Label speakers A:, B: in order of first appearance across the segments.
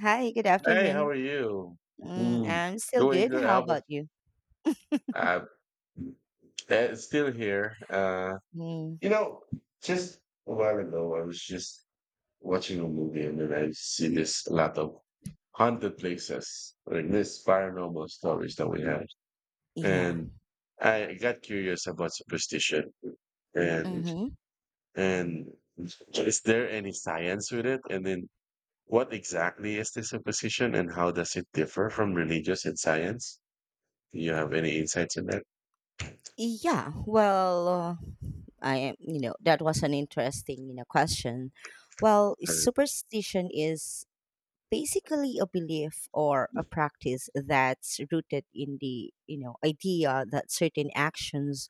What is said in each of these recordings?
A: Hi, good
B: Hey, how
A: afternoon.
B: are you?
A: Mm,
B: Mm.
A: I'm still
B: Doing
A: good.
B: good.
A: How
B: How about
A: about you?
B: uh, that is still here.
A: Mm,
B: You know, just a while ago, I was just watching a movie, and then I see this lot of haunted places, like this paranormal stories that we have,
A: yeah.
B: and I got curious about superstition and
A: Mm-hmm.
B: and is there any science with it? And then, what exactly is the superstition, and how does it differ from religious and science? Do you have any insights in that?
A: Yeah. Well, I am, that was an interesting, question. Well,
B: Uh,
A: superstition is basically a belief or a practice that's rooted in the, idea that certain actions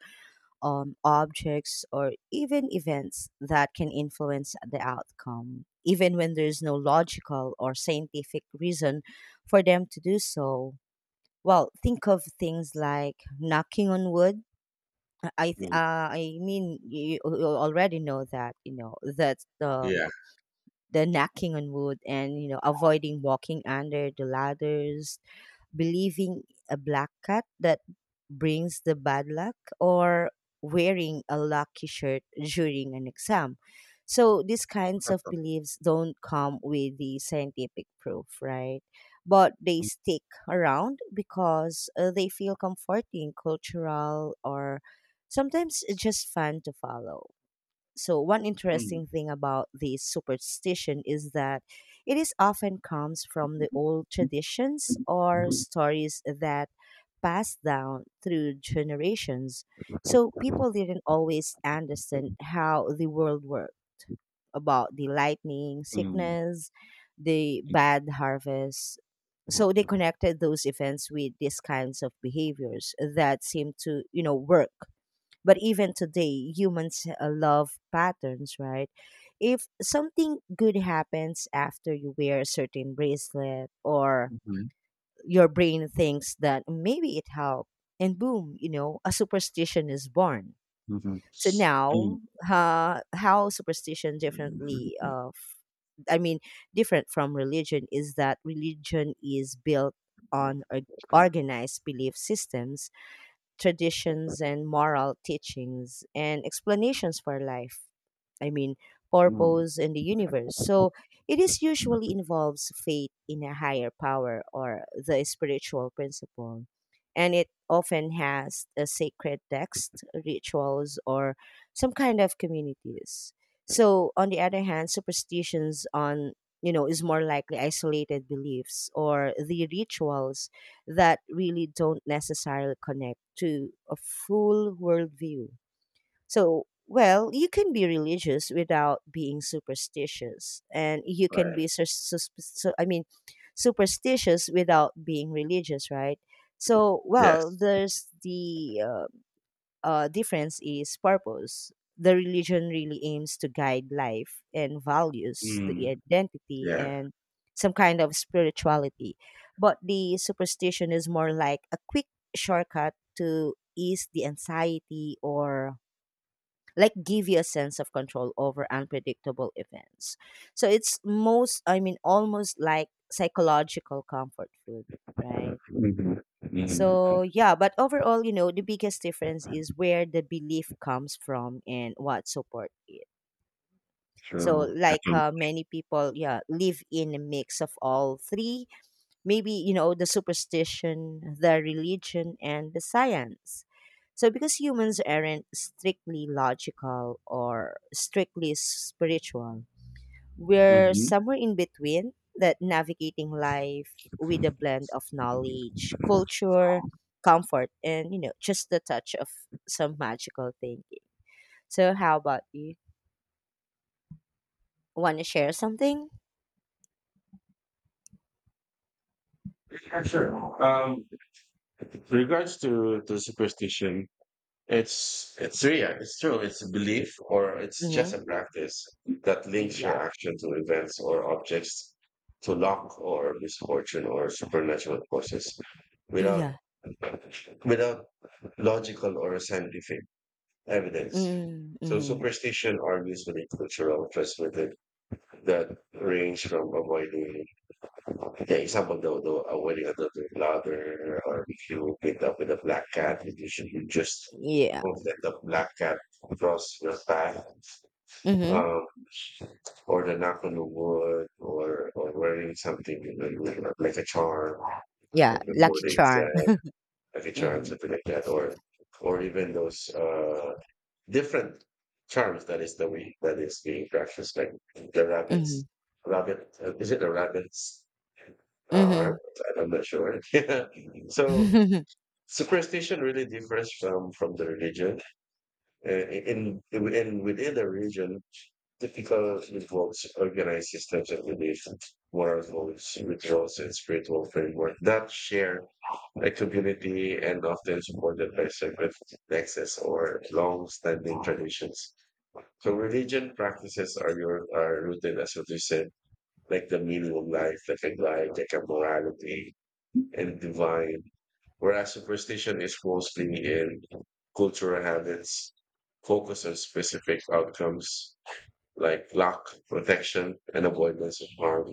A: objects, or even events that can influence the outcome, even when there's no logical or scientific reason for them to do so. Well, think of things like knocking on wood. I th-
B: mm,
A: uh, I mean, you already know that you know that the
B: yeah.
A: the knocking on wood, and you know avoiding walking under the ladders, believing a black cat that brings the bad luck, or wearing a lucky shirt during an exam. So these kinds of beliefs don't come with the scientific proof, right? But they stick around because they feel comforting, cultural, or sometimes just fun to follow. So, one
B: Mm. Mm.
A: interesting thing about this superstition is that it is often comes from the old
B: Mhm.
A: traditions or stories that passed down through generations. So, people didn't always understand how the world worked, about the lightning,
B: Mhm.
A: sickness, the bad harvest. So, they connected those events with these kinds of behaviors that seem to, work, but even today, humans love patterns, right? If something good happens after you wear a certain bracelet, or your brain thinks that maybe it helped, and boom, a superstition is born.
B: Mm.
A: So now, how superstition differently I mean, different from religion is that religion is built on organized belief systems, traditions, and moral teachings, and explanations for life. I mean,
B: Mm.
A: purpose in the universe. So it is usually involves faith in a higher power or the spiritual principle. And it often has a sacred text, rituals, or some kind of communities. So on the other hand, superstitions on is more likely isolated beliefs or the rituals that really don't necessarily connect to a full worldview. So, well, you can be religious without being superstitious, and you can
B: Right.
A: be I mean, superstitious without being religious, right? So, well,
B: Yes.
A: there's the difference is purpose. The religion really aims to guide life and values, the
B: Mm.
A: identity,
B: Yeah.
A: and some kind of spirituality. But the superstition is more like a quick shortcut to ease the anxiety, or like give you a sense of control over unpredictable events. So it's I mean, almost like psychological comfort food, right?
B: Mhm. Mhm.
A: So yeah, but overall, the biggest difference is where the belief comes from and what support it. So
B: So,
A: like
B: um,
A: many people, yeah, live in a mix of all three. Maybe you know the superstition, the religion, and the science. So because humans aren't strictly logical or strictly spiritual, we're
B: mhm.
A: somewhere in between that, navigating life with a blend of knowledge, culture, comfort, and just the touch of some magical thinking. So, how about you? Want to share something?
B: Yeah, sure. With regards to superstition, it's real. It's true. It's a belief or it's
A: Mm-hmm.
B: just a practice that links your
A: Yeah.
B: action to events or objects to luck or misfortune or supernatural causes without
A: Yeah.
B: without logical or scientific evidence. So
A: Mm-hmm.
B: superstition are usually cultural transmitted that range from avoiding. Okay, some of the a wedding another louder, or if you end up with a black cat, you should you just
A: Yeah.
B: move that the black cat across your path,
A: Mm-hmm.
B: um, or the knock on the wood, or wearing something you know, like a charm, or
A: Yeah. Lucky
B: recording
A: charm.
B: exam, like a charm,
A: Mm-hmm.
B: something like that, or even those different charms that is the way that is being practiced, like the
A: Mm-hmm.
B: rabbits, rabbit, is it the rabbits? All right, I'm not sure. Yeah. So
A: Mm-hmm.
B: superstition really differs from the religion. In within the religion, typical involves organized systems of belief, moral codes, rituals, and spiritual framework that share a community and often supported by sacred texts or long-standing traditions. So religion practices are your are rooted, as what you said, like the meaning of life, like a guide, like a morality and divine, whereas superstition is mostly in cultural habits, focus on specific outcomes like luck, protection, and avoidance of harm.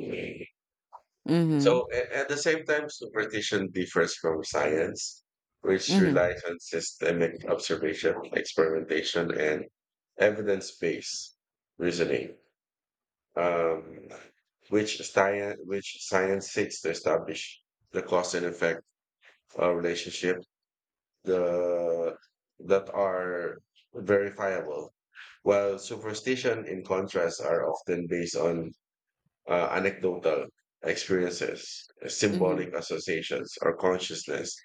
A: Mm-hmm.
B: So, at the same time, superstition differs from science, which
A: Mm-hmm.
B: relies on systemic observation, experimentation, and evidence-based reasoning, um, which science seeks to establish the cause and effect relationship the that are verifiable, while superstition, in contrast, are often based on anecdotal experiences,
A: Mhm.
B: symbolic associations, or consciousness,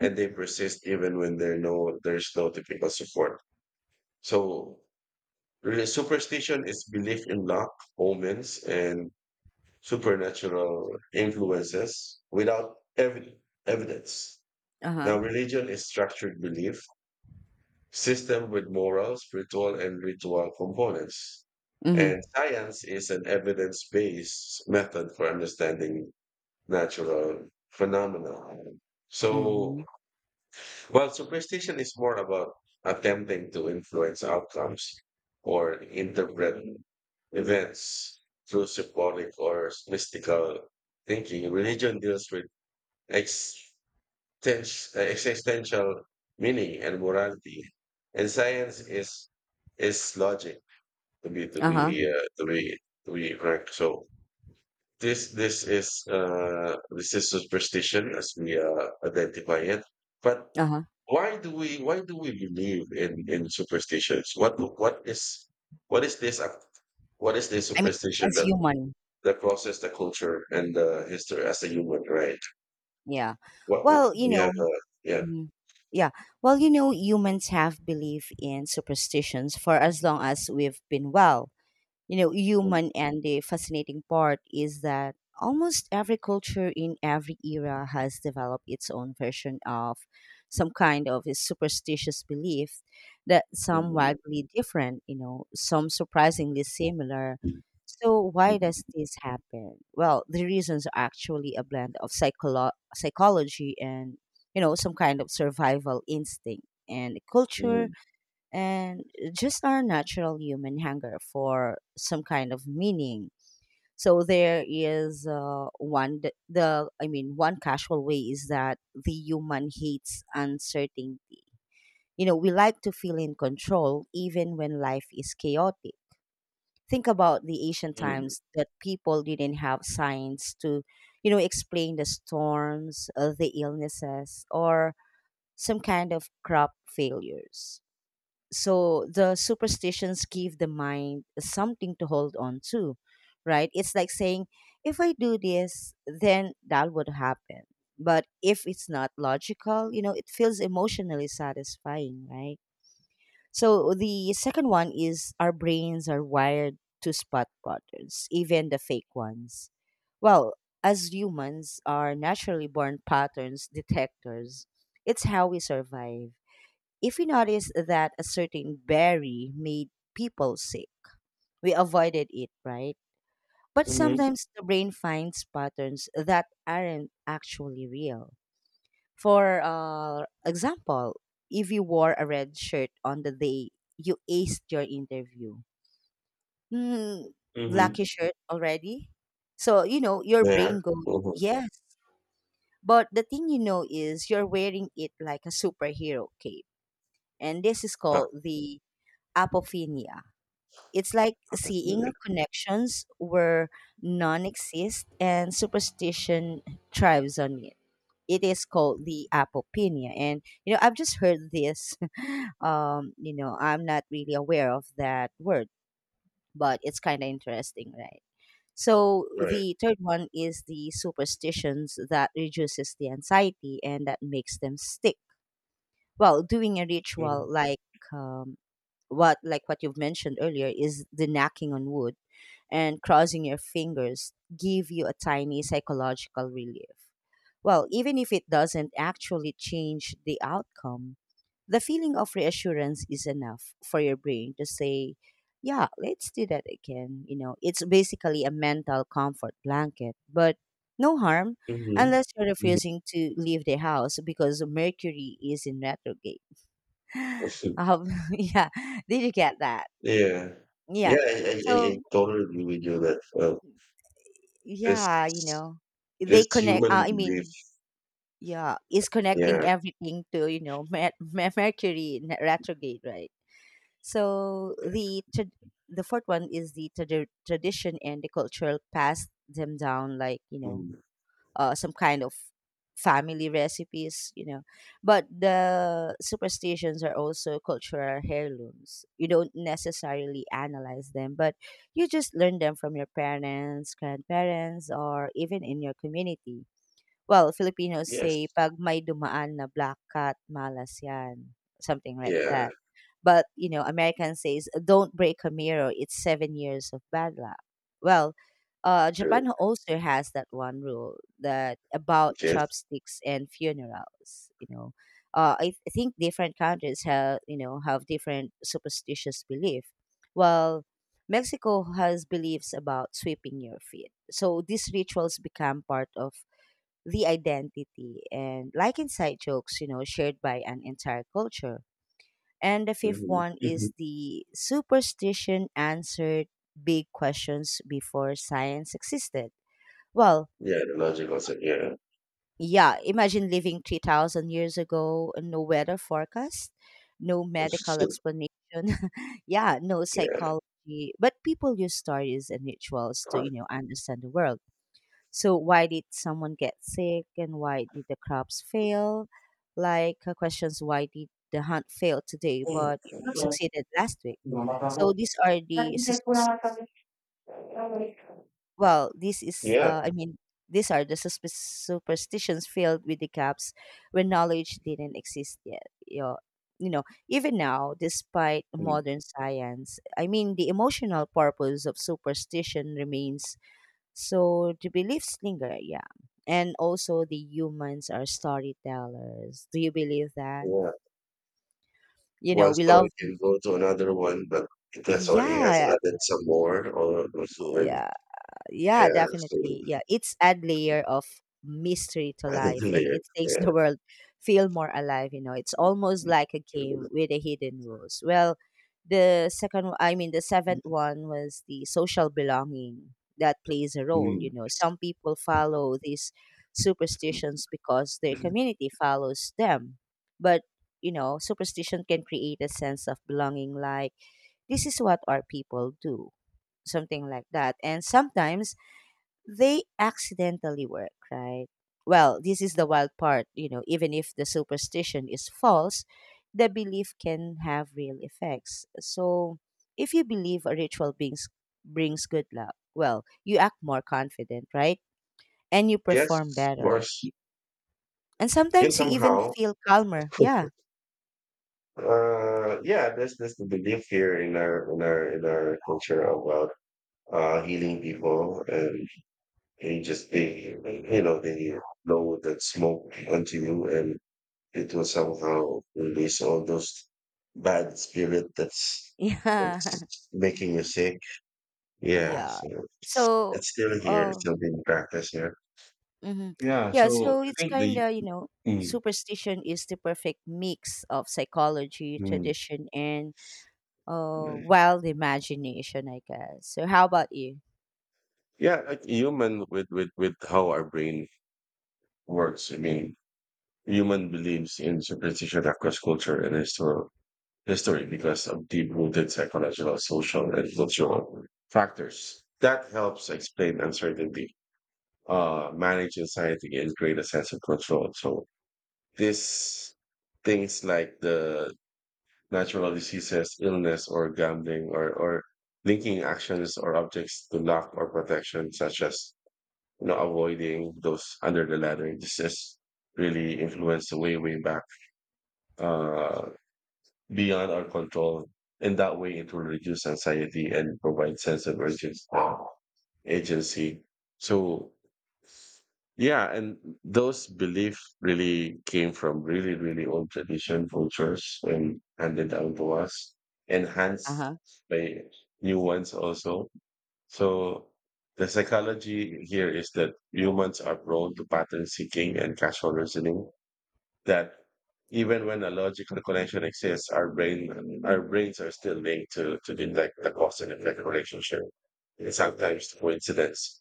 B: and they persist even when there's no typical support. So, really, superstition is belief in luck, omens, and supernatural influences without evidence. Now,
A: Uh-huh.
B: religion is structured belief system with moral, spiritual, and ritual components.
A: Mhm.
B: And science is an evidence based method for understanding natural phenomena. So,
A: Mhm.
B: while superstition is more about attempting to influence outcomes or interpret events through symbolic or mystical thinking, religion deals with teach existential meaning and morality. And science is logic to be
A: Uh-huh.
B: to be frank. So this is superstition as we identify it. But
A: Uh-huh.
B: why do we believe in superstitions? What is this
A: I mean,
B: superstition
A: as
B: that
A: human,
B: crosses the culture and the history as a human, right?
A: yeah. Well, you know,
B: Yeah.
A: mhm. Yeah. Well, you know, humans have belief in superstitions for as long as we've been, well, you know, human, and the fascinating part is that almost every culture in every era has developed its own version of some kind of a superstitious belief, that some
B: Mm,
A: wildly different, some surprisingly similar.
B: mm.
A: So why
B: Mhm,
A: does this happen? Well, the reasons are actually a blend of psychology, and some kind of survival instinct and culture,
B: mhm,
A: and just our natural human hunger for some kind of meaning. So there is one th- the I mean one casual way is that the human hates uncertainty. You know, we like to feel in control even when life is chaotic. Think about the ancient
B: mhm,
A: times that people didn't have science to, explain the storms, the illnesses, or some kind of crop failures. So the superstitions give the mind something to hold on to, right? It's like saying, if I do this, then that would happen. But if it's not logical, you know it feels emotionally satisfying, right? So the second one is our brains are wired to spot patterns, even the fake ones. Well, as humans are naturally born patterns detectors, it's how we survive. If we noticed that a certain berry made people sick, we avoided it, right? But
B: mhm,
A: sometimes the brain finds patterns that aren't actually real. For example, if you wore a red shirt on the day you aced your interview, hmm,
B: mhm.
A: lucky shirt already? So, your
B: Yeah.
A: brain goes,
B: Mhm.
A: yes. But the thing you know is you're wearing it like a superhero cape. And this is called the apophenia. It's like seeing a connections where none exist, and superstition thrives on it. It is called the apopinia, and you know I've just heard this. You know, I'm not really aware of that word, but it's kind of interesting, right? So
B: Right.
A: the third one is the superstitions that reduces the anxiety and that makes them stick. Well, doing a
B: Mhm,
A: ritual, like um, what, like what you've mentioned earlier, is the knocking on wood and crossing your fingers, give you a tiny psychological relief. Well, even if it doesn't actually change the outcome, the feeling of reassurance is enough for your brain to say, yeah, let's do that again. You know, it's basically a mental comfort blanket, but no harm,
B: mhm,
A: unless you're
B: mhm.
A: refusing to leave the house because Mercury is in retrograde.
B: Mhm.
A: Yeah, did you get that?
B: Yeah. Yeah,
A: Yeah.
B: I, I
A: So,
B: totally agree with you that
A: yeah,
B: this
A: they connect.
B: human
A: I
B: belief.
A: mean, yeah, is connecting
B: Yeah.
A: everything to Mercury in retrograde, right? So the fourth one is the tradition and the cultural passed them down, like,
B: Mm.
A: some kind of family recipes. But the superstitions are also cultural heirlooms. You don't necessarily analyze them, but you just learn them from your parents, grandparents, or even in your community. Well, Filipinos say,
B: Yes.
A: "'Pag may dumaan na black cat, malas yan." Something like
B: Yeah.
A: that. But, American says, "Don't break a mirror, it's 7 years of bad luck." Well,
B: True.
A: Japan also has that one rule that about
B: Yes.
A: chopsticks and funerals. I think different countries have, have different superstitious belief. Well, Mexico has beliefs about sweeping your feet. So these rituals become part of the identity and like inside jokes, shared by an entire culture. And the fifth
B: Mm-hmm.
A: one
B: Mm-hmm.
A: is the superstition answered big questions before science existed. Well,
B: Yeah. The logic also. Yeah.
A: yeah, imagine living 3,000 years ago, no weather forecast, no medical explanation. Yeah, no
B: Yeah. Yeah.
A: psychology. But people use stories and rituals to, understand the world. So why did someone get sick, and why did the crops fail? Like questions, why did the hunt fail today but succeeded last week?
B: Mm.
A: So these are the suspicious, well, this is
B: Yeah.
A: I mean, these are the superstitions filled with the gaps where knowledge didn't exist yet. You know, Even now, despite
B: Mm.
A: modern science, I mean, the emotional purpose of superstition remains, so do you believe Slinger? Yeah. And also the humans are storytellers. Do you believe that? You know,
B: One
A: we
B: story
A: love,
B: can go to another one, but it has already has
A: yeah.
B: added some more or something.
A: Yeah. Yeah,
B: Yeah, so
A: definitely. Yeah, it's add layer of mystery to
B: added
A: life,
B: a
A: and
B: layer.
A: it makes
B: Yeah.
A: the world feel more alive. It's almost like a game with a hidden rules. Well, the I mean, the seventh one was the social belonging that plays a role,
B: Mm.
A: you know. Some people follow these superstitions because their community follows them. But, superstition can create a sense of belonging, like, this is what our people do, something like that. And sometimes they accidentally work, right? Well, this is the wild part, even if the superstition is false, the belief can have real effects. So, if you believe a ritual brings good luck, well, you act more confident, right? And you perform
B: Yes, of
A: better.
B: course.
A: And
B: Yeah,
A: sometimes you even
B: somehow.
A: feel calmer. Yeah.
B: Yeah, there's the belief here in our in our culture about healing people and they just they know that smoke onto you and it will somehow release all those bad spirit that's
A: Yeah.
B: making you sick. Yeah,
A: Yeah.
B: so
A: So,
B: it's still here, it's
A: oh,
B: still being practiced here.
A: mm-hmm.
B: Yeah,
A: Yeah,
B: so
A: so
B: I
A: it's
B: think
A: kind
B: the
A: of,
B: mm,
A: superstition is the perfect mix of psychology,
B: mm,
A: tradition, and wild imagination, I guess. So, how about you?
B: yeah, like human with with how our brain works. I mean, human believes in superstition across culture and history because of deep-rooted psychological, social, and cultural factors. That helps explain uncertainty manage anxiety and create a sense of control. So this things like the natural diseases, illness, or gambling, or linking actions or objects to luck or protection, such as you know avoiding those under the ladder. This is really influenced way back uh, beyond our control. In that way, it will reduce anxiety and provide sense of urgency. Agency. So yeah, and those beliefs really came from really, really old tradition cultures and handed down to us,
A: Uh
B: enhanced
A: huh.
B: by new ones also. So the psychology here is that humans are prone to pattern seeking and casual reasoning that even when a logical connection exists, our brain our brains are still linked to detect the cause and effect relationship. And sometimes the coincidence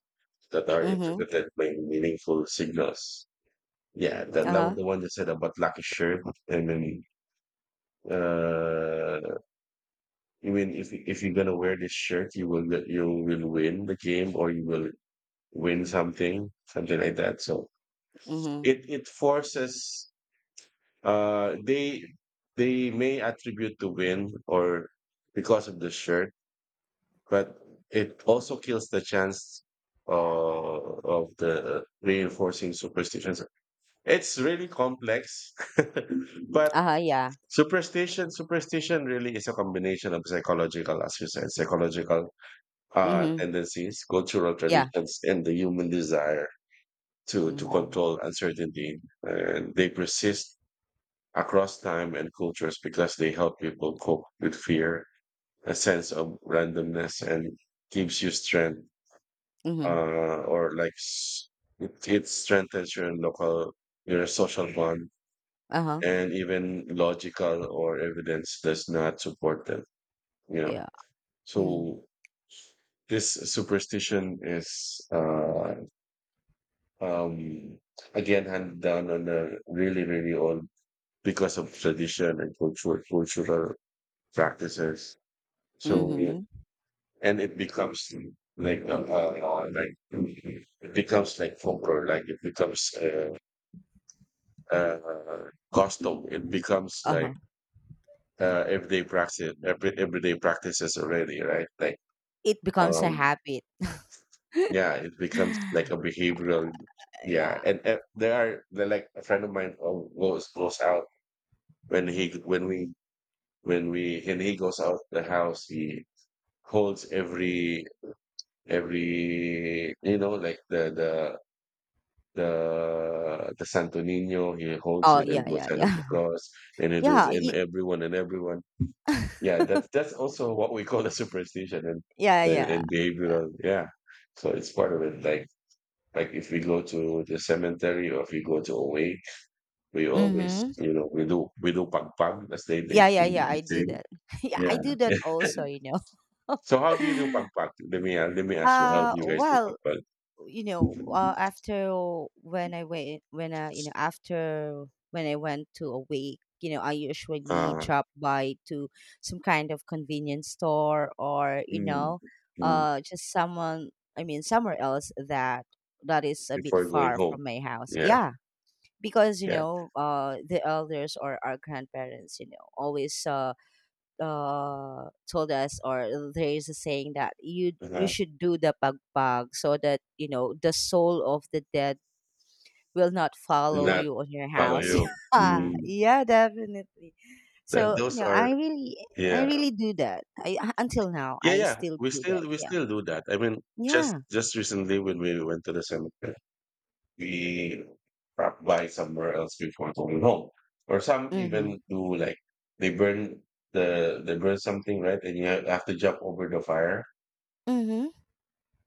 B: that are
A: Mm-hmm.
B: interpreted by meaningful signals. Yeah, that
A: Uh
B: was
A: huh.
B: the one that said about lucky shirt. I mean, uh, I mean, if you're gonna wear this shirt, you will win the game or you will win something, something like that. So
A: Mm-hmm.
B: it forces. Uh, they they may attribute the win or because of the shirt, but it also kills the chance of the reinforcing superstitions. It's really complex, but
A: Uh huh. Yeah.
B: superstition really is a combination of psychological, as you said, psychological
A: Mm-hmm.
B: tendencies, cultural
A: Yeah.
B: traditions, and the human desire to
A: Mm-hmm.
B: control uncertainty, and they persist across time and cultures because they help people cope with fear, a sense of randomness, and gives you strength,
A: Mm-hmm.
B: uh, or like s- it, strengthens your local, your social bond,
A: Uh huh.
B: and even logical or evidence does not support them, you know.
A: Yeah. Hmm.
B: So this superstition is, um, again, handed down on a really, really old because of tradition and cultural, cultural practices. So yeah,
A: Mm-hmm.
B: and it becomes like it becomes like folklore, like it becomes custom. It becomes
A: Uh
B: like
A: huh.
B: everyday practice, everyday practices already, right? Like
A: It becomes a
B: um,
A: habit.
B: yeah, it becomes like a behavioral. Yeah,
A: Yeah.
B: and there are there like a friend of mine goes out when he when he goes out the house, he holds every you know like the the Santo Niño. He holds
A: Oh,
B: it and
A: yeah,
B: goes
A: yeah,
B: under the
A: yeah.
B: cross, and it was
A: Yeah.
B: in
A: It,
B: everyone and everyone. Yeah, that's also what we call a superstition and
A: yeah, yeah.
B: and
A: Uh,
B: behavioral. Yeah, so it's part of it. Like if we go to the cemetery or if we go to away, we always
A: Mm-hmm.
B: you know we do pagpag as they they,
A: Yeah, yeah,
B: they
A: yeah, I do
B: say.
A: that. Yeah,
B: Yeah.
A: I do that also.
B: So how do you do pagpag? Let me ask you. How do you guys do
A: Well,
B: pagpag?
A: you know, uh, after after when I went to a wake, I usually
B: Uh,
A: drop by to some kind of convenience store or,
B: mm, mm,
A: uh, just someone, I mean, somewhere else that is a bit
B: before going
A: far
B: home.
A: from my house.
B: Yeah.
A: Yeah, because
B: Yeah.
A: the elders or our grandparents, always told us, or there is a saying that you
B: Uh-huh.
A: should do the pagpag so that you know the soul of the dead will not
B: Did
A: follow
B: not
A: you on your
B: follow
A: house.
B: you.
A: Yeah,
B: Mm.
A: yeah, definitely.
B: That
A: So
B: those are
A: I
B: yeah.
A: really do that. I Until now,
B: Yeah,
A: I
B: yeah.
A: still do that.
B: We
A: Yeah,
B: still do that. I mean, just
A: yeah.
B: recently when we went to the cemetery, we dropped by somewhere else before going home. Or some
A: Mhm.
B: even do like they burn the they burn something, right? And you have to jump over the fire.
A: Mhm.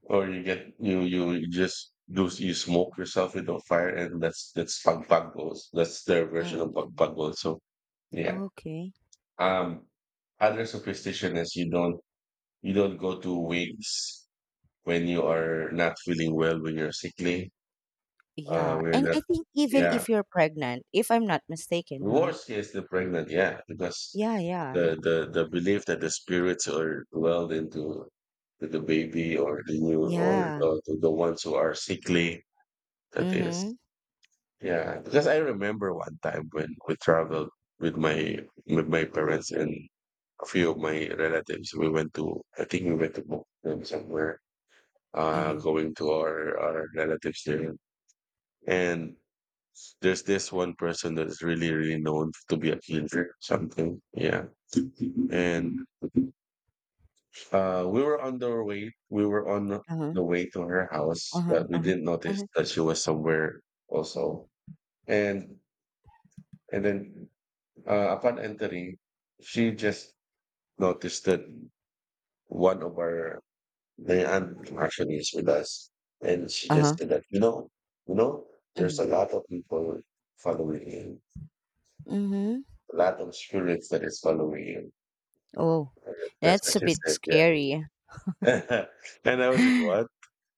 B: Or you get you just do you smoke yourself with the fire and that's pagpagos. That's their version of
A: Mhm.
B: pagpagos. So yeah.
A: Okay.
B: Um, other superstition is you don't go to wigs when you are not feeling well, when you're sickly,
A: Yeah,
B: when are
A: and
B: not.
A: I think even
B: Yeah,
A: if you're pregnant, if I'm not
B: the
A: mistaken, huh?
B: worst case the pregnant. Yeah, because
A: Yeah, yeah, yeah,
B: the belief that the spirits are dwelled into to the baby or the new or
A: yeah.
B: the ones who are sickly. That is,
A: Mhm.
B: yeah. Because I remember one time when we traveled with my parents and a few of my relatives. We went to, I think we went to Boston somewhere,
A: Mhm.
B: going to our relatives there. And there's this one person that is really, really known to be a killer, something. Yeah. And we were on the way, we were on
A: Uh-huh.
B: the way to her house,
A: Uh-huh,
B: but we
A: uh-huh,
B: didn't notice
A: uh-huh,
B: that she was somewhere also. And, and then upon entering, she just noticed that one of our my aunt actually is with us, and she just
A: uh-huh,
B: said that you know, you know, there's
A: mhm,
B: a lot of people following him,
A: mhm.
B: a lot of spirits that is following him.
A: Oh,
B: And that's
A: that's
B: what
A: a
B: she
A: bit
B: said,
A: scary.
B: yeah. And I was like, what?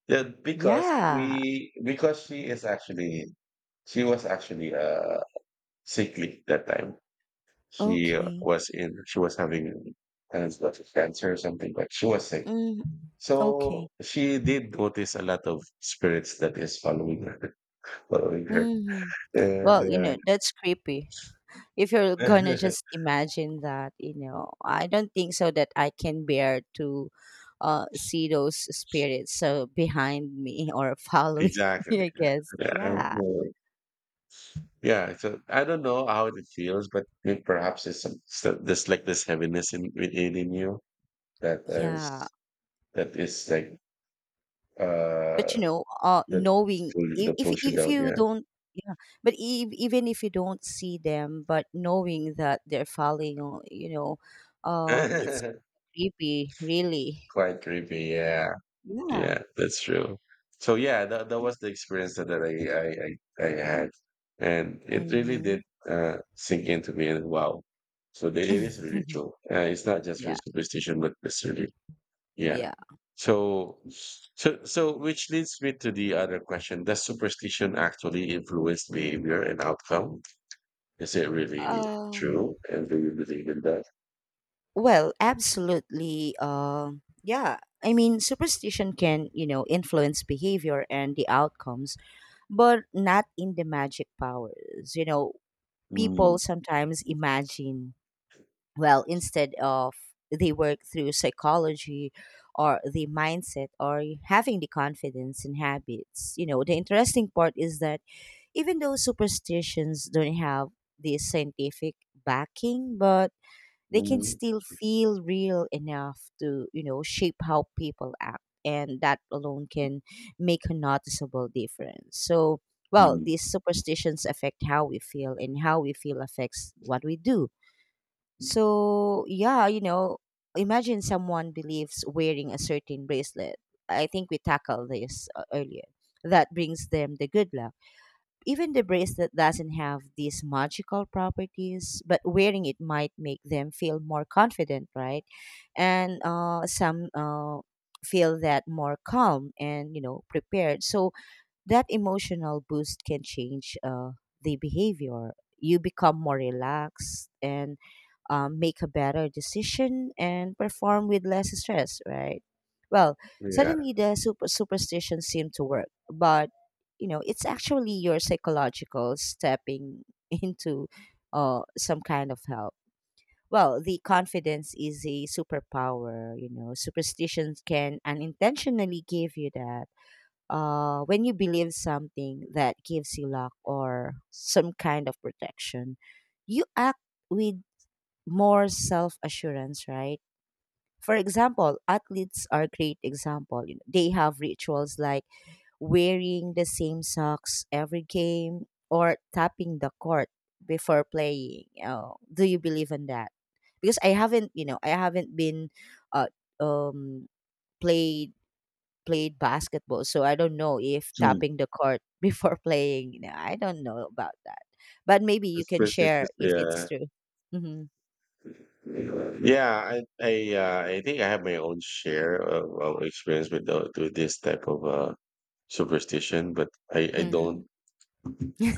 B: Yeah, because
A: Yeah.
B: we because she is actually she was actually sickly that time. She
A: Okay.
B: was in she was having has got cancer or something, but she was sick.
A: Mm,
B: So
A: okay.
B: she did notice a lot of spirits that is following her. Correct.
A: Hmm.
B: Yeah,
A: Well,
B: yeah.
A: that's creepy. If you're gonna just imagine that, I don't think so that I can bear to see those spirits so behind me or following me,
B: Exactly.
A: I guess.
B: Yeah, I
A: Yeah.
B: know. Yeah, so I don't know how it feels, but it perhaps it's some so there's like this heaviness in within in you that
A: Yeah,
B: is that is like uh
A: but
B: that
A: knowing
B: that pulls you
A: if
B: down,
A: you don't, yeah, but ev even if you don't see them, but knowing that they're falling, it's
B: yeah.
A: creepy, really.
B: Quite creepy, yeah.
A: Yeah.
B: Yeah, that's true. So yeah, that was the experience that, that I had, and it really
A: Mm-hmm.
B: did sink into me. And wow, so it is really true. It's not just
A: Yeah,
B: really superstition, but it's really yeah.
A: yeah.
B: So so which leads me to the other question: Does superstition actually influence behavior and outcome? Is it really
A: um
B: true? And do you believe in that?
A: well, absolutely. Yeah, I mean superstition can, influence behavior and the outcomes, but not in the magic powers you know people
B: Mm,
A: sometimes imagine. Well, instead of, they work through psychology or the mindset or having the confidence and habits. You know, the interesting part is that, even though superstitions don't have this scientific backing, but they can
B: mm,
A: still feel real enough to, shape how people act, and that alone can make a noticeable difference. So, well,
B: mm.
A: these superstitions affect how we feel, and how we feel affects what we do. So, yeah, imagine someone believes wearing a certain bracelet. I think we tackled this earlier. That brings them the good luck. Even the bracelet doesn't have these magical properties, but wearing it might make them feel more confident, right? And some feel that more calm and, prepared. So, that emotional boost can change the behavior. You become more relaxed and make a better decision and perform with less stress, right? Well,
B: Yeah.
A: suddenly the superstition seemed to work, but it's actually your psychological stepping into some kind of help. Well, the confidence is a superpower. You know, superstitions can unintentionally give you that, when you believe something that gives you luck or some kind of protection, you act with more self assurance, right? For example, athletes are a great example. You know, they have rituals like wearing the same socks every game or tapping the court before playing. Oh, do you believe in that? Because I haven't, I haven't been uh, um, played played basketball, so I don't know if
B: Mm.
A: tapping the court before playing, no, I don't know about that. But maybe you can
B: Superstition.
A: share if it's
B: Yeah.
A: true. Hmm.
B: I think I have my own share of experience with the, with this type of superstition, but I
A: Hmm.
B: don't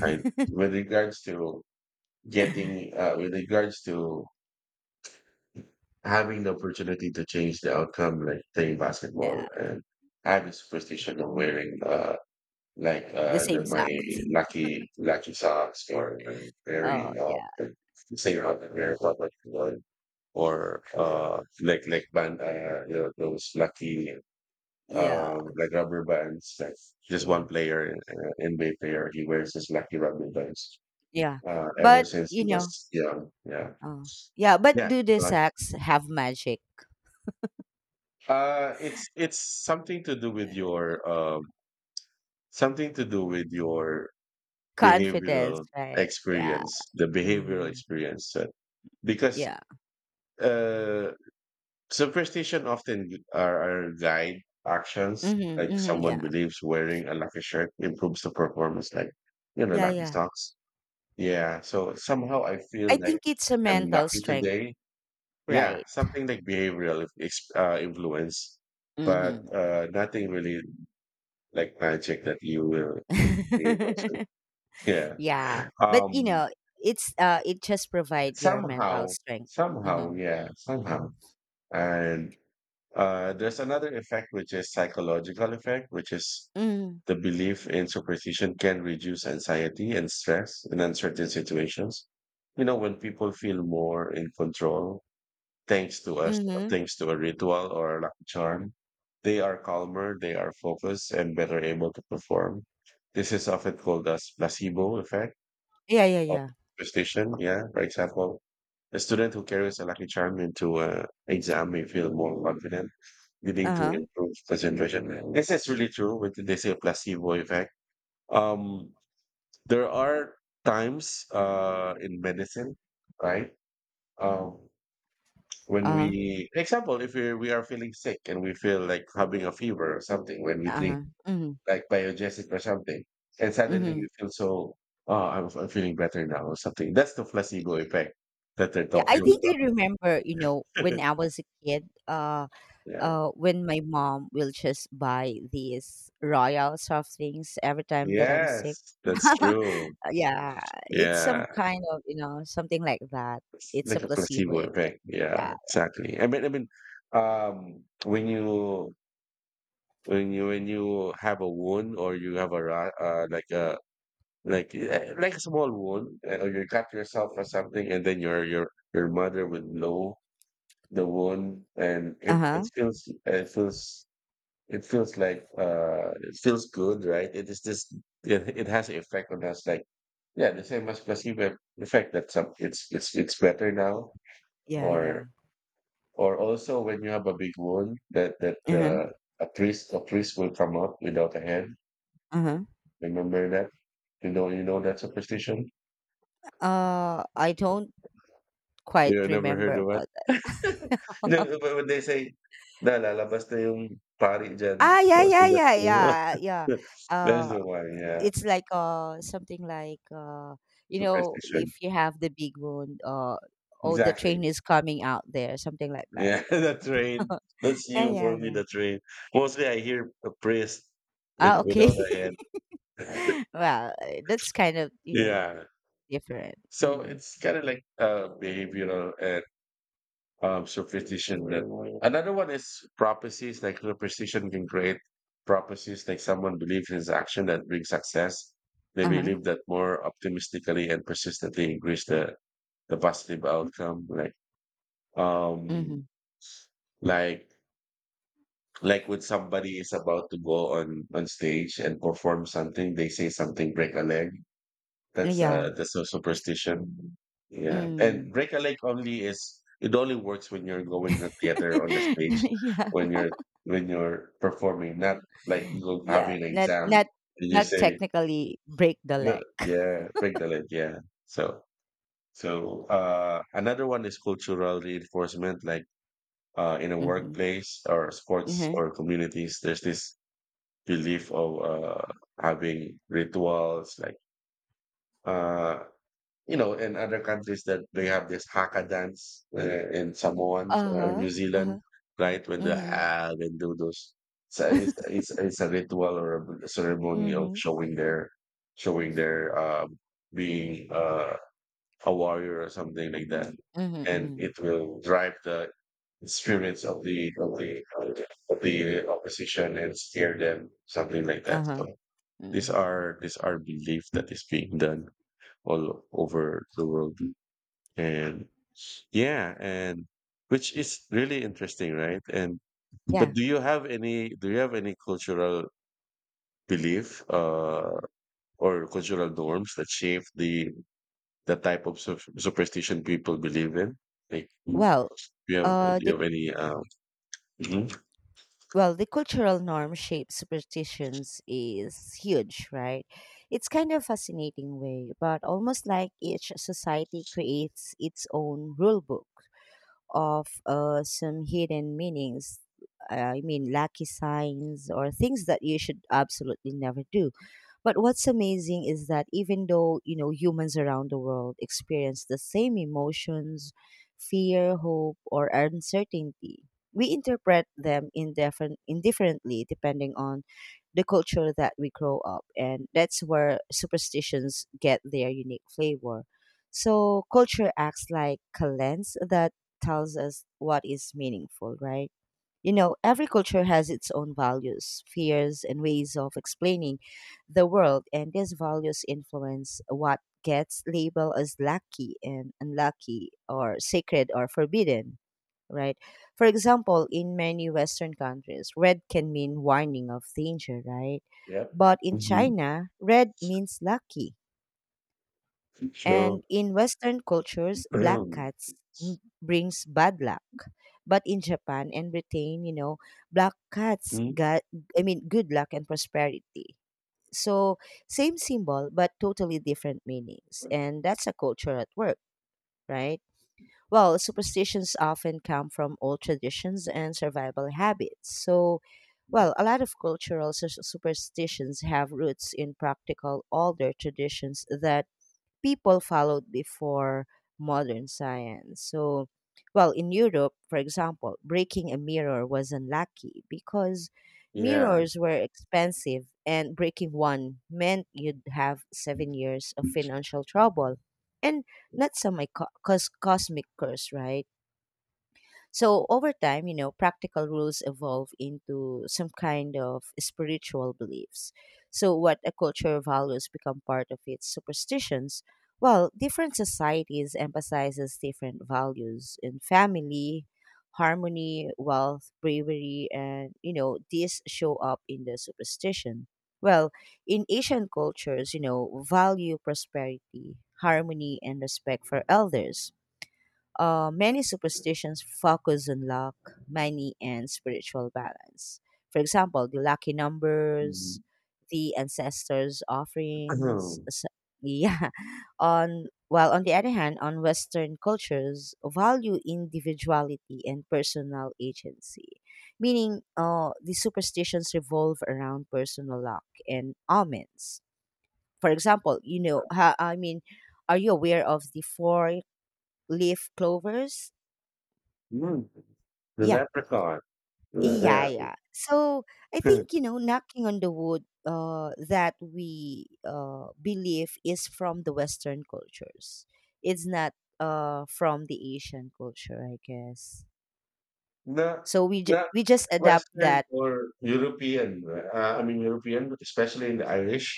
B: I with regards to getting uh, with regards to having the opportunity to change the outcome, like playing basketball,
A: Yeah,
B: and I have a superstition of wearing
A: the
B: the,
A: same
B: my
A: socks.
B: lucky socks or very
A: Oh
B: you know
A: yeah,
B: say around the wear or like band you know, those lucky
A: yeah,
B: like rubber bands like just
A: yeah,
B: one player NBA player he wears his lucky rubber bands
A: yeah.
B: ever
A: But
B: since he was young, yeah,
A: oh yeah. But
B: yeah,
A: do the
B: right.
A: socks have magic,
B: It's something to do with your something to do with your
A: confidence,
B: behavioral
A: right? Yeah.
B: experience, the behavioral
A: Mm-hmm.
B: experience, because
A: Yeah.
B: uh Superstition often gu- are guide actions.
A: Mm-hmm,
B: Like
A: mm-hmm,
B: someone
A: yeah.
B: believes wearing a lucky shirt improves the performance, like you know,
A: Yeah.
B: lucky
A: Yeah.
B: socks. Yeah. So somehow I
A: I
B: feel like
A: think it's a
B: I'm
A: mental
B: lucky
A: strength,
B: today. Yeah,
A: right?
B: something like behavioral influence, but
A: Mm-hmm.
B: nothing really like magic that you will be able to. Yeah.
A: Yeah, but
B: Um.
A: it's it just provide your mental
B: Somehow.
A: strength.
B: Somehow.
A: Mm-hmm.
B: Yeah. Somehow. And there's another effect which is psychological effect, which is
A: Mm-hmm.
B: the belief in superstition can reduce anxiety and stress in uncertain situations. You know, when people feel more in control, thanks to us,
A: Mm-hmm.
B: thanks to a ritual or a lucky charm, they are calmer, they are focused, and better able to perform. This is often called as placebo effect
A: Yeah, yeah,
B: of
A: yeah.
B: superstition. Yeah, for example, a student who carries a lucky charm into an exam may feel more confident,
A: Uh
B: leading to
A: huh.
B: improved concentration. This is really true. With they say placebo effect um, there are times in medicine, right? Um, when
A: Uh huh.
B: we, example, if we are feeling sick and we feel like having a fever or something, when we
A: Uh
B: drink
A: huh. Mm-hmm.
B: like biogesic or something, and suddenly
A: Mm-hmm.
B: we feel so, oh, I'm feeling better now or something. That's the placebo effect that they're
A: Yeah, I
B: talking
A: think I remember. You know,
B: about.
A: when I was a kid,
B: Yeah.
A: when my mom will just buy these royal soft things every time that I'm sick.
B: Yes, that's true.
A: Yeah, it's
B: Yeah,
A: some kind of, something like that.
B: it's
A: It's a
B: like a
A: placebo
B: placebo
A: effect.
B: effect. Yeah,
A: Yeah.
B: exactly. I mean, when you when you have a wound or you have a like a small wound or you cut yourself or something and then your your mother would know the wound and
A: Uh
B: it
A: huh.
B: feels, it feels like it feels good, right? It is just it, it has an effect on us like yeah, the same as placebo effect, that some it's better now
A: Yeah.
B: or
A: Yeah.
B: or also when you have a big wound that that
A: Uh huh.
B: the a priest, a priest will come up without a head.
A: Uh huh.
B: Remember that? You know that superstition?
A: I don't quite
B: Yeah, I never
A: remember
B: heard of it.
A: about that.
B: No, but when they say, na lalabas na yung pari dyan.
A: Ah, yeah,
B: So
A: yeah,
B: that's
A: yeah,
B: the,
A: yeah, yeah.
B: that's
A: Uh,
B: the one, yeah.
A: it's like something like
B: Superstition.
A: if you have the big wound, oh, the
B: Exactly.
A: train is coming out there, something like that.
B: Yeah, the train. That's
A: Yeah,
B: you
A: yeah,
B: for me,
A: yeah.
B: the train. Mostly I hear a priest with
A: Ah, okay.
B: without a head.
A: Well, that's kind of,
B: Yeah.
A: different.
B: So
A: Mm.
B: it's kind of like behavioral and superstition that another one is prophecies, like superstition can create prophecies, like someone believes in his action that brings success, they
A: Uh huh.
B: believe that more optimistically and persistently increase the positive outcome, um
A: Mm-hmm.
B: like like when somebody is about to go on stage and perform something, they say something, break a leg.
A: Yeah.
B: That's a superstition. Yeah.
A: Mm.
B: And break a leg only is it only works when you're going to the theater on the stage,
A: Yeah.
B: when you're performing, not like you
A: Yeah.
B: having an
A: Not
B: exam
A: not
B: and you
A: not
B: say,
A: technically break the
B: no,
A: leg.
B: yeah, break the leg, yeah. So so another one is cultural reinforcement, like in a
A: Mhm.
B: workplace or
A: Uh huh.
B: sports
A: Uh.
B: or communities, there's this belief of having rituals like uh you know, in other countries that they have this haka dance in Samoans or New
A: Uh-huh,
B: Zealand,
A: uh-huh.
B: right? When they
A: Mhm.
B: have and do those, so it's a ritual or a ceremony of
A: Mhm.
B: showing their being a warrior or something like that,
A: Mhm,
B: and
A: mhm.
B: it will drive the experience of the opposition and scare them, something like that.
A: Uh-huh.
B: So
A: Mhm.
B: these are beliefs that is being done all over the world. And yeah, and which is really interesting, right? And but
A: Yeah.
B: do you have any cultural belief or cultural norms that shape the type of superstition people believe in? Like, do
A: Well,
B: you have
A: uh, the
B: any? Mhm.
A: well, the cultural norm shapes superstitions is huge, right? It's kind of fascinating way, but almost like each society creates its own rule book of some hidden meanings. I mean, lucky signs or things that you should absolutely never do. But what's amazing is that, even though, humans around the world experience the same emotions, fear, hope, or uncertainty, we interpret them indifferently depending on the culture that we grow up. And that's where superstitions get their unique flavor. So culture acts like a lens that tells us what is meaningful, right? You know, every culture has its own values, fears, and ways of explaining the world, and these values influence what gets labeled as lucky and unlucky, or sacred or forbidden, right? For example, in many Western countries, red can mean warning of danger, right?
B: Yeah.
A: But in
B: Mhm.
A: China, red means lucky,
B: So,
A: and in Western cultures, black
B: um,
A: cats brings bad luck. But in Japan and Britain, black cats
B: mm,
A: got, I mean, good luck and prosperity. So, same symbol, but totally different meanings. And that's a culture at work, right? Well, superstitions often come from old traditions and survival habits. So, well, a lot of cultural superstitions have roots in practical older traditions that people followed before modern science. So, well, in Europe, for example, breaking a mirror was unlucky because
B: yeah.
A: mirrors were expensive and breaking one meant you'd have 7 years of financial trouble. And that's some my cosmic curse, right? So over time, practical rules evolve into some kind of spiritual beliefs. So what a culture values become part of its superstitions. Well, different societies emphasizes different values in family, harmony, wealth, bravery, and these show up in the superstition. Well, in Asian cultures, value prosperity, harmony, and respect for elders, many superstitions focus on luck, money, and spiritual balance. For example, the lucky numbers,
B: Mhm.
A: the ancestors' offerings. Yeah. On, while on the other hand, on Western cultures, value individuality and personal agency, meaning the superstitions revolve around personal luck and omens. For example, I mean, are you aware of the four leaf clovers?
B: Mm, the
A: Yeah.
B: leprechaun.
A: Yeah,
B: Yeah.
A: yeah. So I think, knocking on the wood, that we believe is from the Western cultures. It's not from the Asian culture, I guess.
B: Not
A: So we
B: not
A: we just adapt
B: Western
A: that.
B: or European, I mean European, but especially in the Irish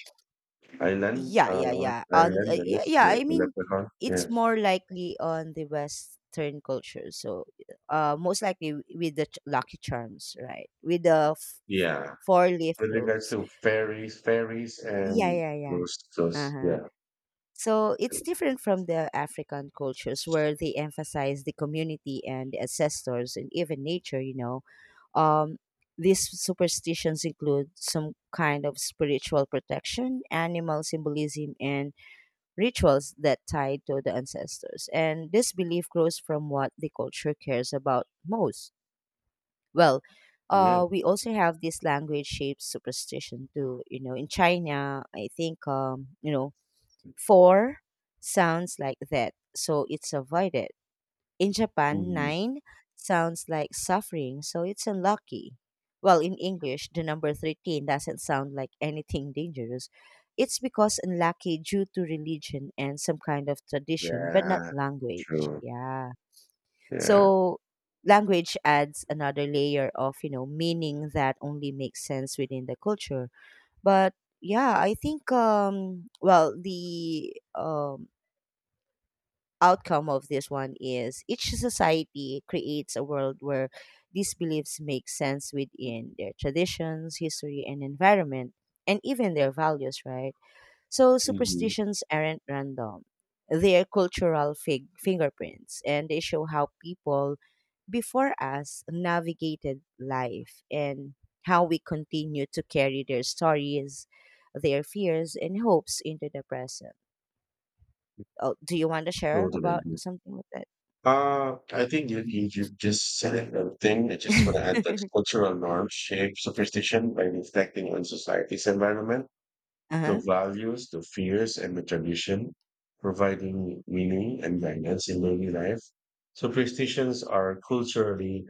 B: island,
A: Yeah, yeah, yeah. On
B: Ireland, that
A: yeah,
B: is
A: yeah. I
B: the
A: mean,
B: leprechaun. Yeah,
A: it's more likely on the Western culture. So most likely with the Lucky Charms, right? With the
B: yeah.
A: four leaf
B: With regards
A: cloves.
B: to fairies, fairies,
A: Yeah,
B: and
A: yeah, yeah. Uh
B: those,
A: huh.
B: yeah,
A: So it's different from the African cultures where they emphasize the community and the ancestors and even nature, you know. Um, these superstitions include some kind of spiritual protection, animal symbolism, and rituals that tie to the ancestors. And this belief grows from what the culture cares about most. Well,
B: yeah,
A: we also have this language shaped superstition too. You know, in China, I think, Four sounds like that, so it's avoided. In Japan,
B: Mhm.
A: nine sounds like suffering, so it's unlucky. Well, in English, the number 13 doesn't sound like anything dangerous. It's because unlucky due to religion and some kind of tradition, but not
B: yeah,
A: language.
B: true,
A: Yeah.
B: yeah,
A: So language adds another layer of, meaning that only makes sense within the culture. But yeah, I think well the outcome of this one is each society creates a world where these beliefs make sense within their traditions, history, and environment, and even their values, right? So
B: hmm.
A: superstitions aren't random. They are cultural fingerprints, and they show how people before us navigated life, and how we continue to carry their stories, their fears, and hopes into the present. Oh, do you want to share
B: Totally
A: about
B: agree.
A: something like that?
B: I think you just said it. The thing I just want to add that cultural norms shape superstition by reflecting on society's environment, the
A: Uh-huh,
B: values, the fears, and the tradition, providing meaning and guidance in daily life. Superstitions are culturally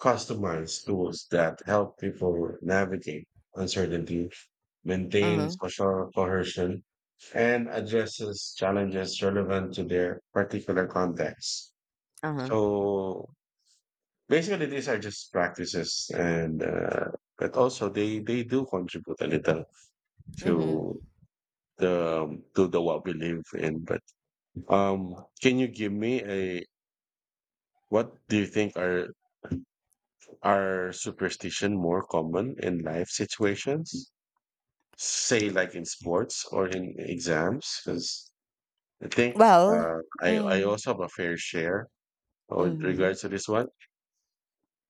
B: customized tools that help people navigate uncertainty, maintain
A: uh-huh,
B: social cohesion, and addresses challenges relevant to their particular context.
A: uh-huh,
B: So basically, these are just practices, and but also they do contribute a little
A: mhm.
B: to to the what we live in. But can you give me a what do you think are superstition more common in life situations? Say like in sports or in exams, because I think
A: Well,
B: I
A: mm,
B: also have a fair share with
A: mhm.
B: regards to this one.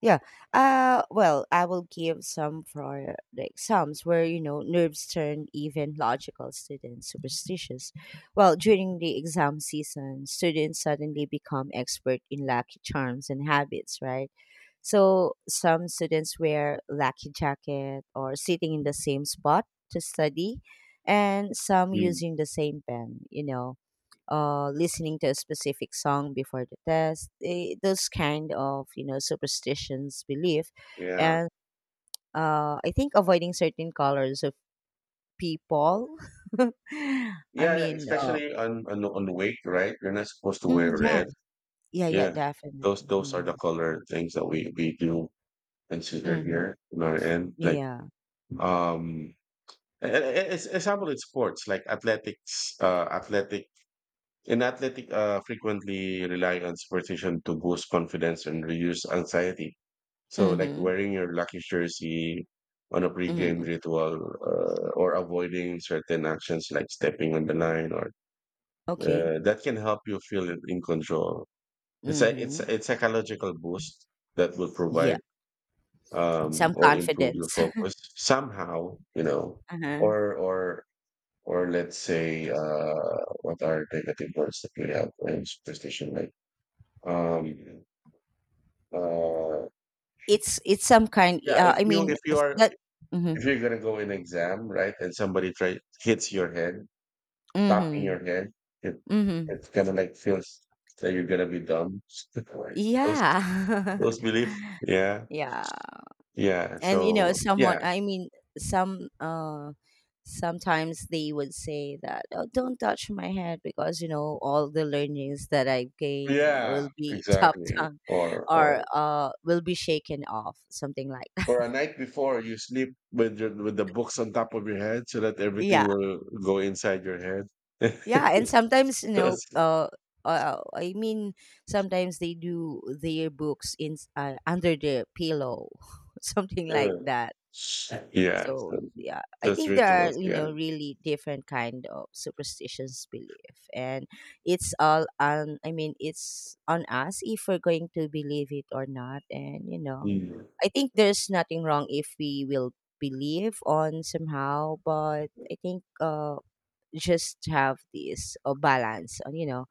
A: Yeah. Well, I will give some for the exams where, nerves turn even logical students superstitious. Well, during the exam season, students suddenly become expert in lucky charms and habits, right? So some students wear lucky jacket or sitting in the same spot to study, and some
B: Mm.
A: using the same pen, listening to a specific song before the test, eh, those kind of, superstitions, belief,
B: Yeah.
A: and I think avoiding certain colors of people. I
B: Yeah, yeah,
A: mean,
B: especially on the wake, right? You're not supposed to wear
A: yeah,
B: red.
A: yeah, yeah,
B: Yeah.
A: definitely.
B: Those are the
A: Mm-hmm.
B: color things that we do consider
A: Mm-hmm.
B: here on our end. Like
A: Yeah.
B: um it's in sports like athletics athletic in athletic frequently relying on superstition to boost confidence and reduce anxiety, so like
A: Mm-hmm.
B: wearing your lucky jersey on a pre-game
A: Mm-hmm.
B: ritual, or avoiding certain actions like stepping on the line or
A: Okay.
B: that can help you feel in control. It's a it's a
A: Mm-hmm.
B: it's a psychological boost that will
A: Yeah.
B: provide
A: Some
B: or improve your
A: confidence.
B: focus somehow, you know,
A: Uh-huh.
B: or or Or let's say, what are negative words that we have in superstition? Like, um, uh,
A: It's some kind.
B: yeah, if you are
A: That. Mm-hmm.
B: if you're gonna go in exam, right, and somebody try hits your head, tapping
A: Mm-hmm.
B: your head, it
A: Mm-hmm.
B: it's kind of like feels that you're gonna be dumb. those
A: Yeah.
B: those belief, yeah,
A: Yeah.
B: yeah.
A: And
B: So yeah,
A: someone I mean some sometimes they would say that, oh, don't touch my head because, all the learnings that I gain
B: yeah,
A: will be chopped
B: exactly.
A: down or
B: Or
A: will be shaken off, something like that.
B: for a night before, you sleep with your, with the books on top of your head so that everything
A: Yeah,
B: will go inside your head.
A: yeah. And sometimes,
B: Those,
A: I mean, sometimes they do their books in under their pillow, something like
B: uh,
A: that.
B: yeah,
A: So
B: so
A: yeah, I
B: those
A: think there are,
B: rituals, yeah.
A: really different kind of superstitions belief, and it's all on. I mean, it's on us if we're going to believe it or not. And
B: Mm.
A: I think there's nothing wrong if we will believe on somehow, but I think just have this balance on,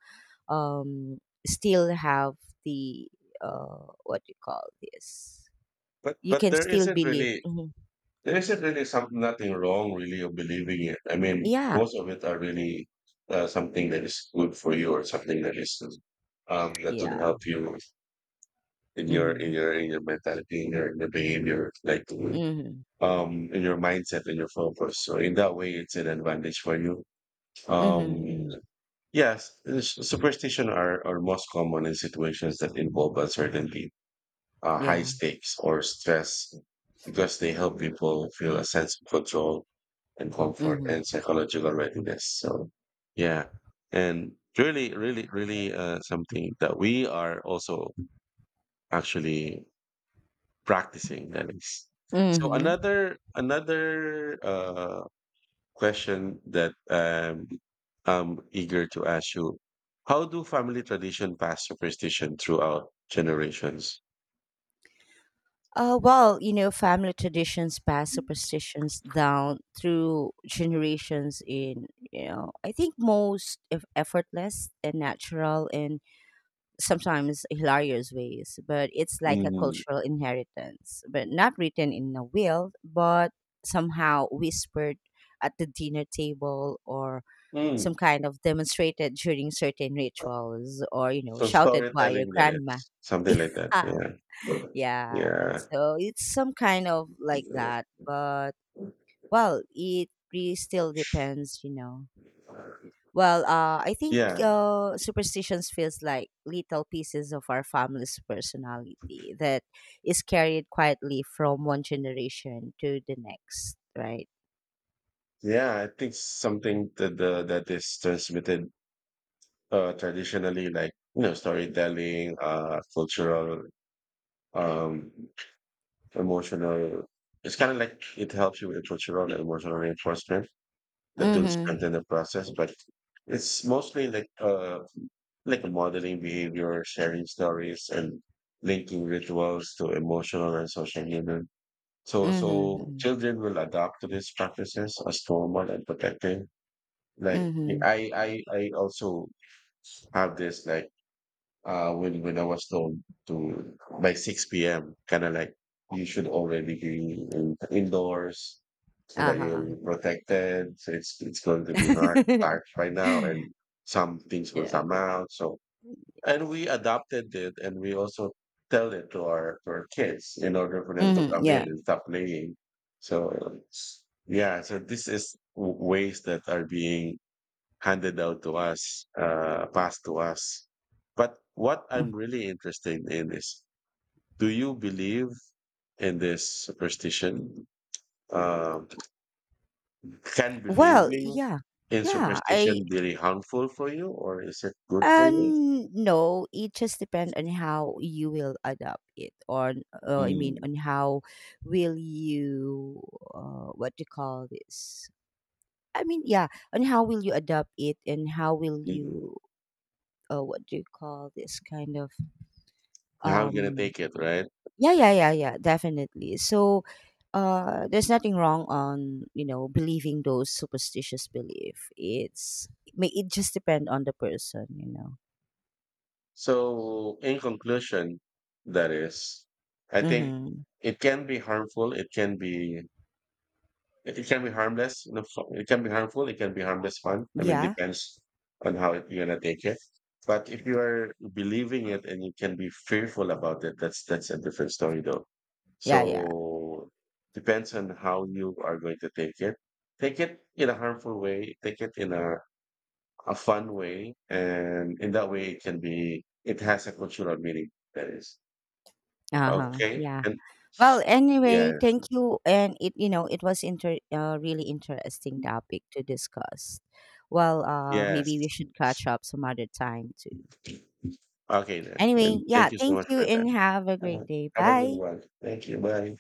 A: um still have the what do you call this, you
B: But
A: can still believe. Mhm.
B: there isn't really something nothing wrong really of believing it. I mean,
A: Yeah,
B: most of it are really something that is good for you or something that is that will
A: yeah.
B: help you in your
A: Hmm.
B: in your mentality in your behavior like
A: Mhm.
B: in your mindset and your focus, so in that way it's an advantage for you
A: Mhm,
B: um
A: mhm.
B: yes superstition are most common in situations that involve uncertainty, high
A: Yeah.
B: stakes or stress because they help people feel a sense of control and comfort
A: Mhm.
B: and psychological readiness, so yeah, and really something that we are also actually practicing that is so
A: Mhm.
B: another question that I'm eager to ask you. How do family tradition pass superstition throughout generations?
A: Well, family traditions pass superstitions down through generations in, I think, most effortless and natural and sometimes hilarious ways, but it's like a
B: Mm.
A: cultural inheritance, but not written in a will, but somehow whispered at the dinner table, or some
B: Mm.
A: kind of demonstrated during certain rituals, or
B: So
A: shouted by your
B: storytelling that
A: grandma.
B: is something like that.
A: Yeah,
B: Yeah.
A: yeah.
B: Yeah.
A: So it's some kind of like that, but well, it really still depends, you know. Well, I think
B: Yeah.
A: superstitions feels like little pieces of our family's personality that is carried quietly from one generation to the next, right?
B: Yeah. I think something that the, that is transmitted traditionally like you know storytelling cultural um emotional, it's kind of like it helps you with cultural and emotional reinforcement that will
A: Mm-hmm.
B: strengthen the process but it's mostly like modeling behavior, sharing stories and linking rituals to emotional and social healing, so so
A: Mm-hmm.
B: children will adapt to these practices as normal and protective. Like
A: Mm-hmm.
B: I also have this like when I was told to by 6 p.m. kind of like you should already be in, indoors so that
A: Mm-hmm.
B: you'll be protected. So it's going to be not
A: Uh-huh.
B: dark right now and some things will
A: Yeah.
B: come out. So and we adopted it and we also tell it to our kids in order for them to
A: Mhm,
B: come in
A: yeah.
B: and stop playing. So yeah, so this is ways that are being handed out to us, passed to us. But what
A: Mm.
B: I'm really interested in is, do you believe in this superstition? Um can
A: Well,
B: believing
A: yeah.
B: in
A: Yeah, I
B: superstition be really harmful for you, or is it good for you?
A: and no, it just depends on how you will adapt it, or I mean
B: Mm,
A: on how will you what do you call this? I mean, yeah, on how will you adapt it, and how will
B: mm.
A: you what do you call this kind of
B: How you
A: um
B: gonna take it, right?
A: yeah, yeah, yeah, yeah, definitely. So, there's nothing wrong on, believing those superstitious belief. It's it may it just depend on the person, you know.
B: So, in conclusion, that is, I think
A: Mm-hmm.
B: it can be harmful. It can be it can be harmless. You know, it can be harmful. It can be harmless fun. I mean,
A: Yeah,
B: depends on how it, you're gonna take it. But if you are believing it and you can be fearful about it, that's a different story, though.
A: yeah, yeah.
B: So depends on how you are going to take it. Take it in a harmful way. Take it in a fun way, and in that way, it can be. It has a cultural meaning. That is
A: Uh huh.
B: okay.
A: Yeah.
B: And
A: Well,
B: yeah,
A: anyway, thank you, and it, it was inter really interesting topic to discuss. Well,
B: yes.
A: maybe we should catch up some other time too.
B: Okay then,
A: Anyway,
B: and
A: yeah,
B: thank you so
A: thank
B: much
A: you,
B: for your
A: and
B: time.
A: have a
B: Have
A: great
B: a
A: day.
B: have a good
A: Bye.
B: one. Thank you. Bye.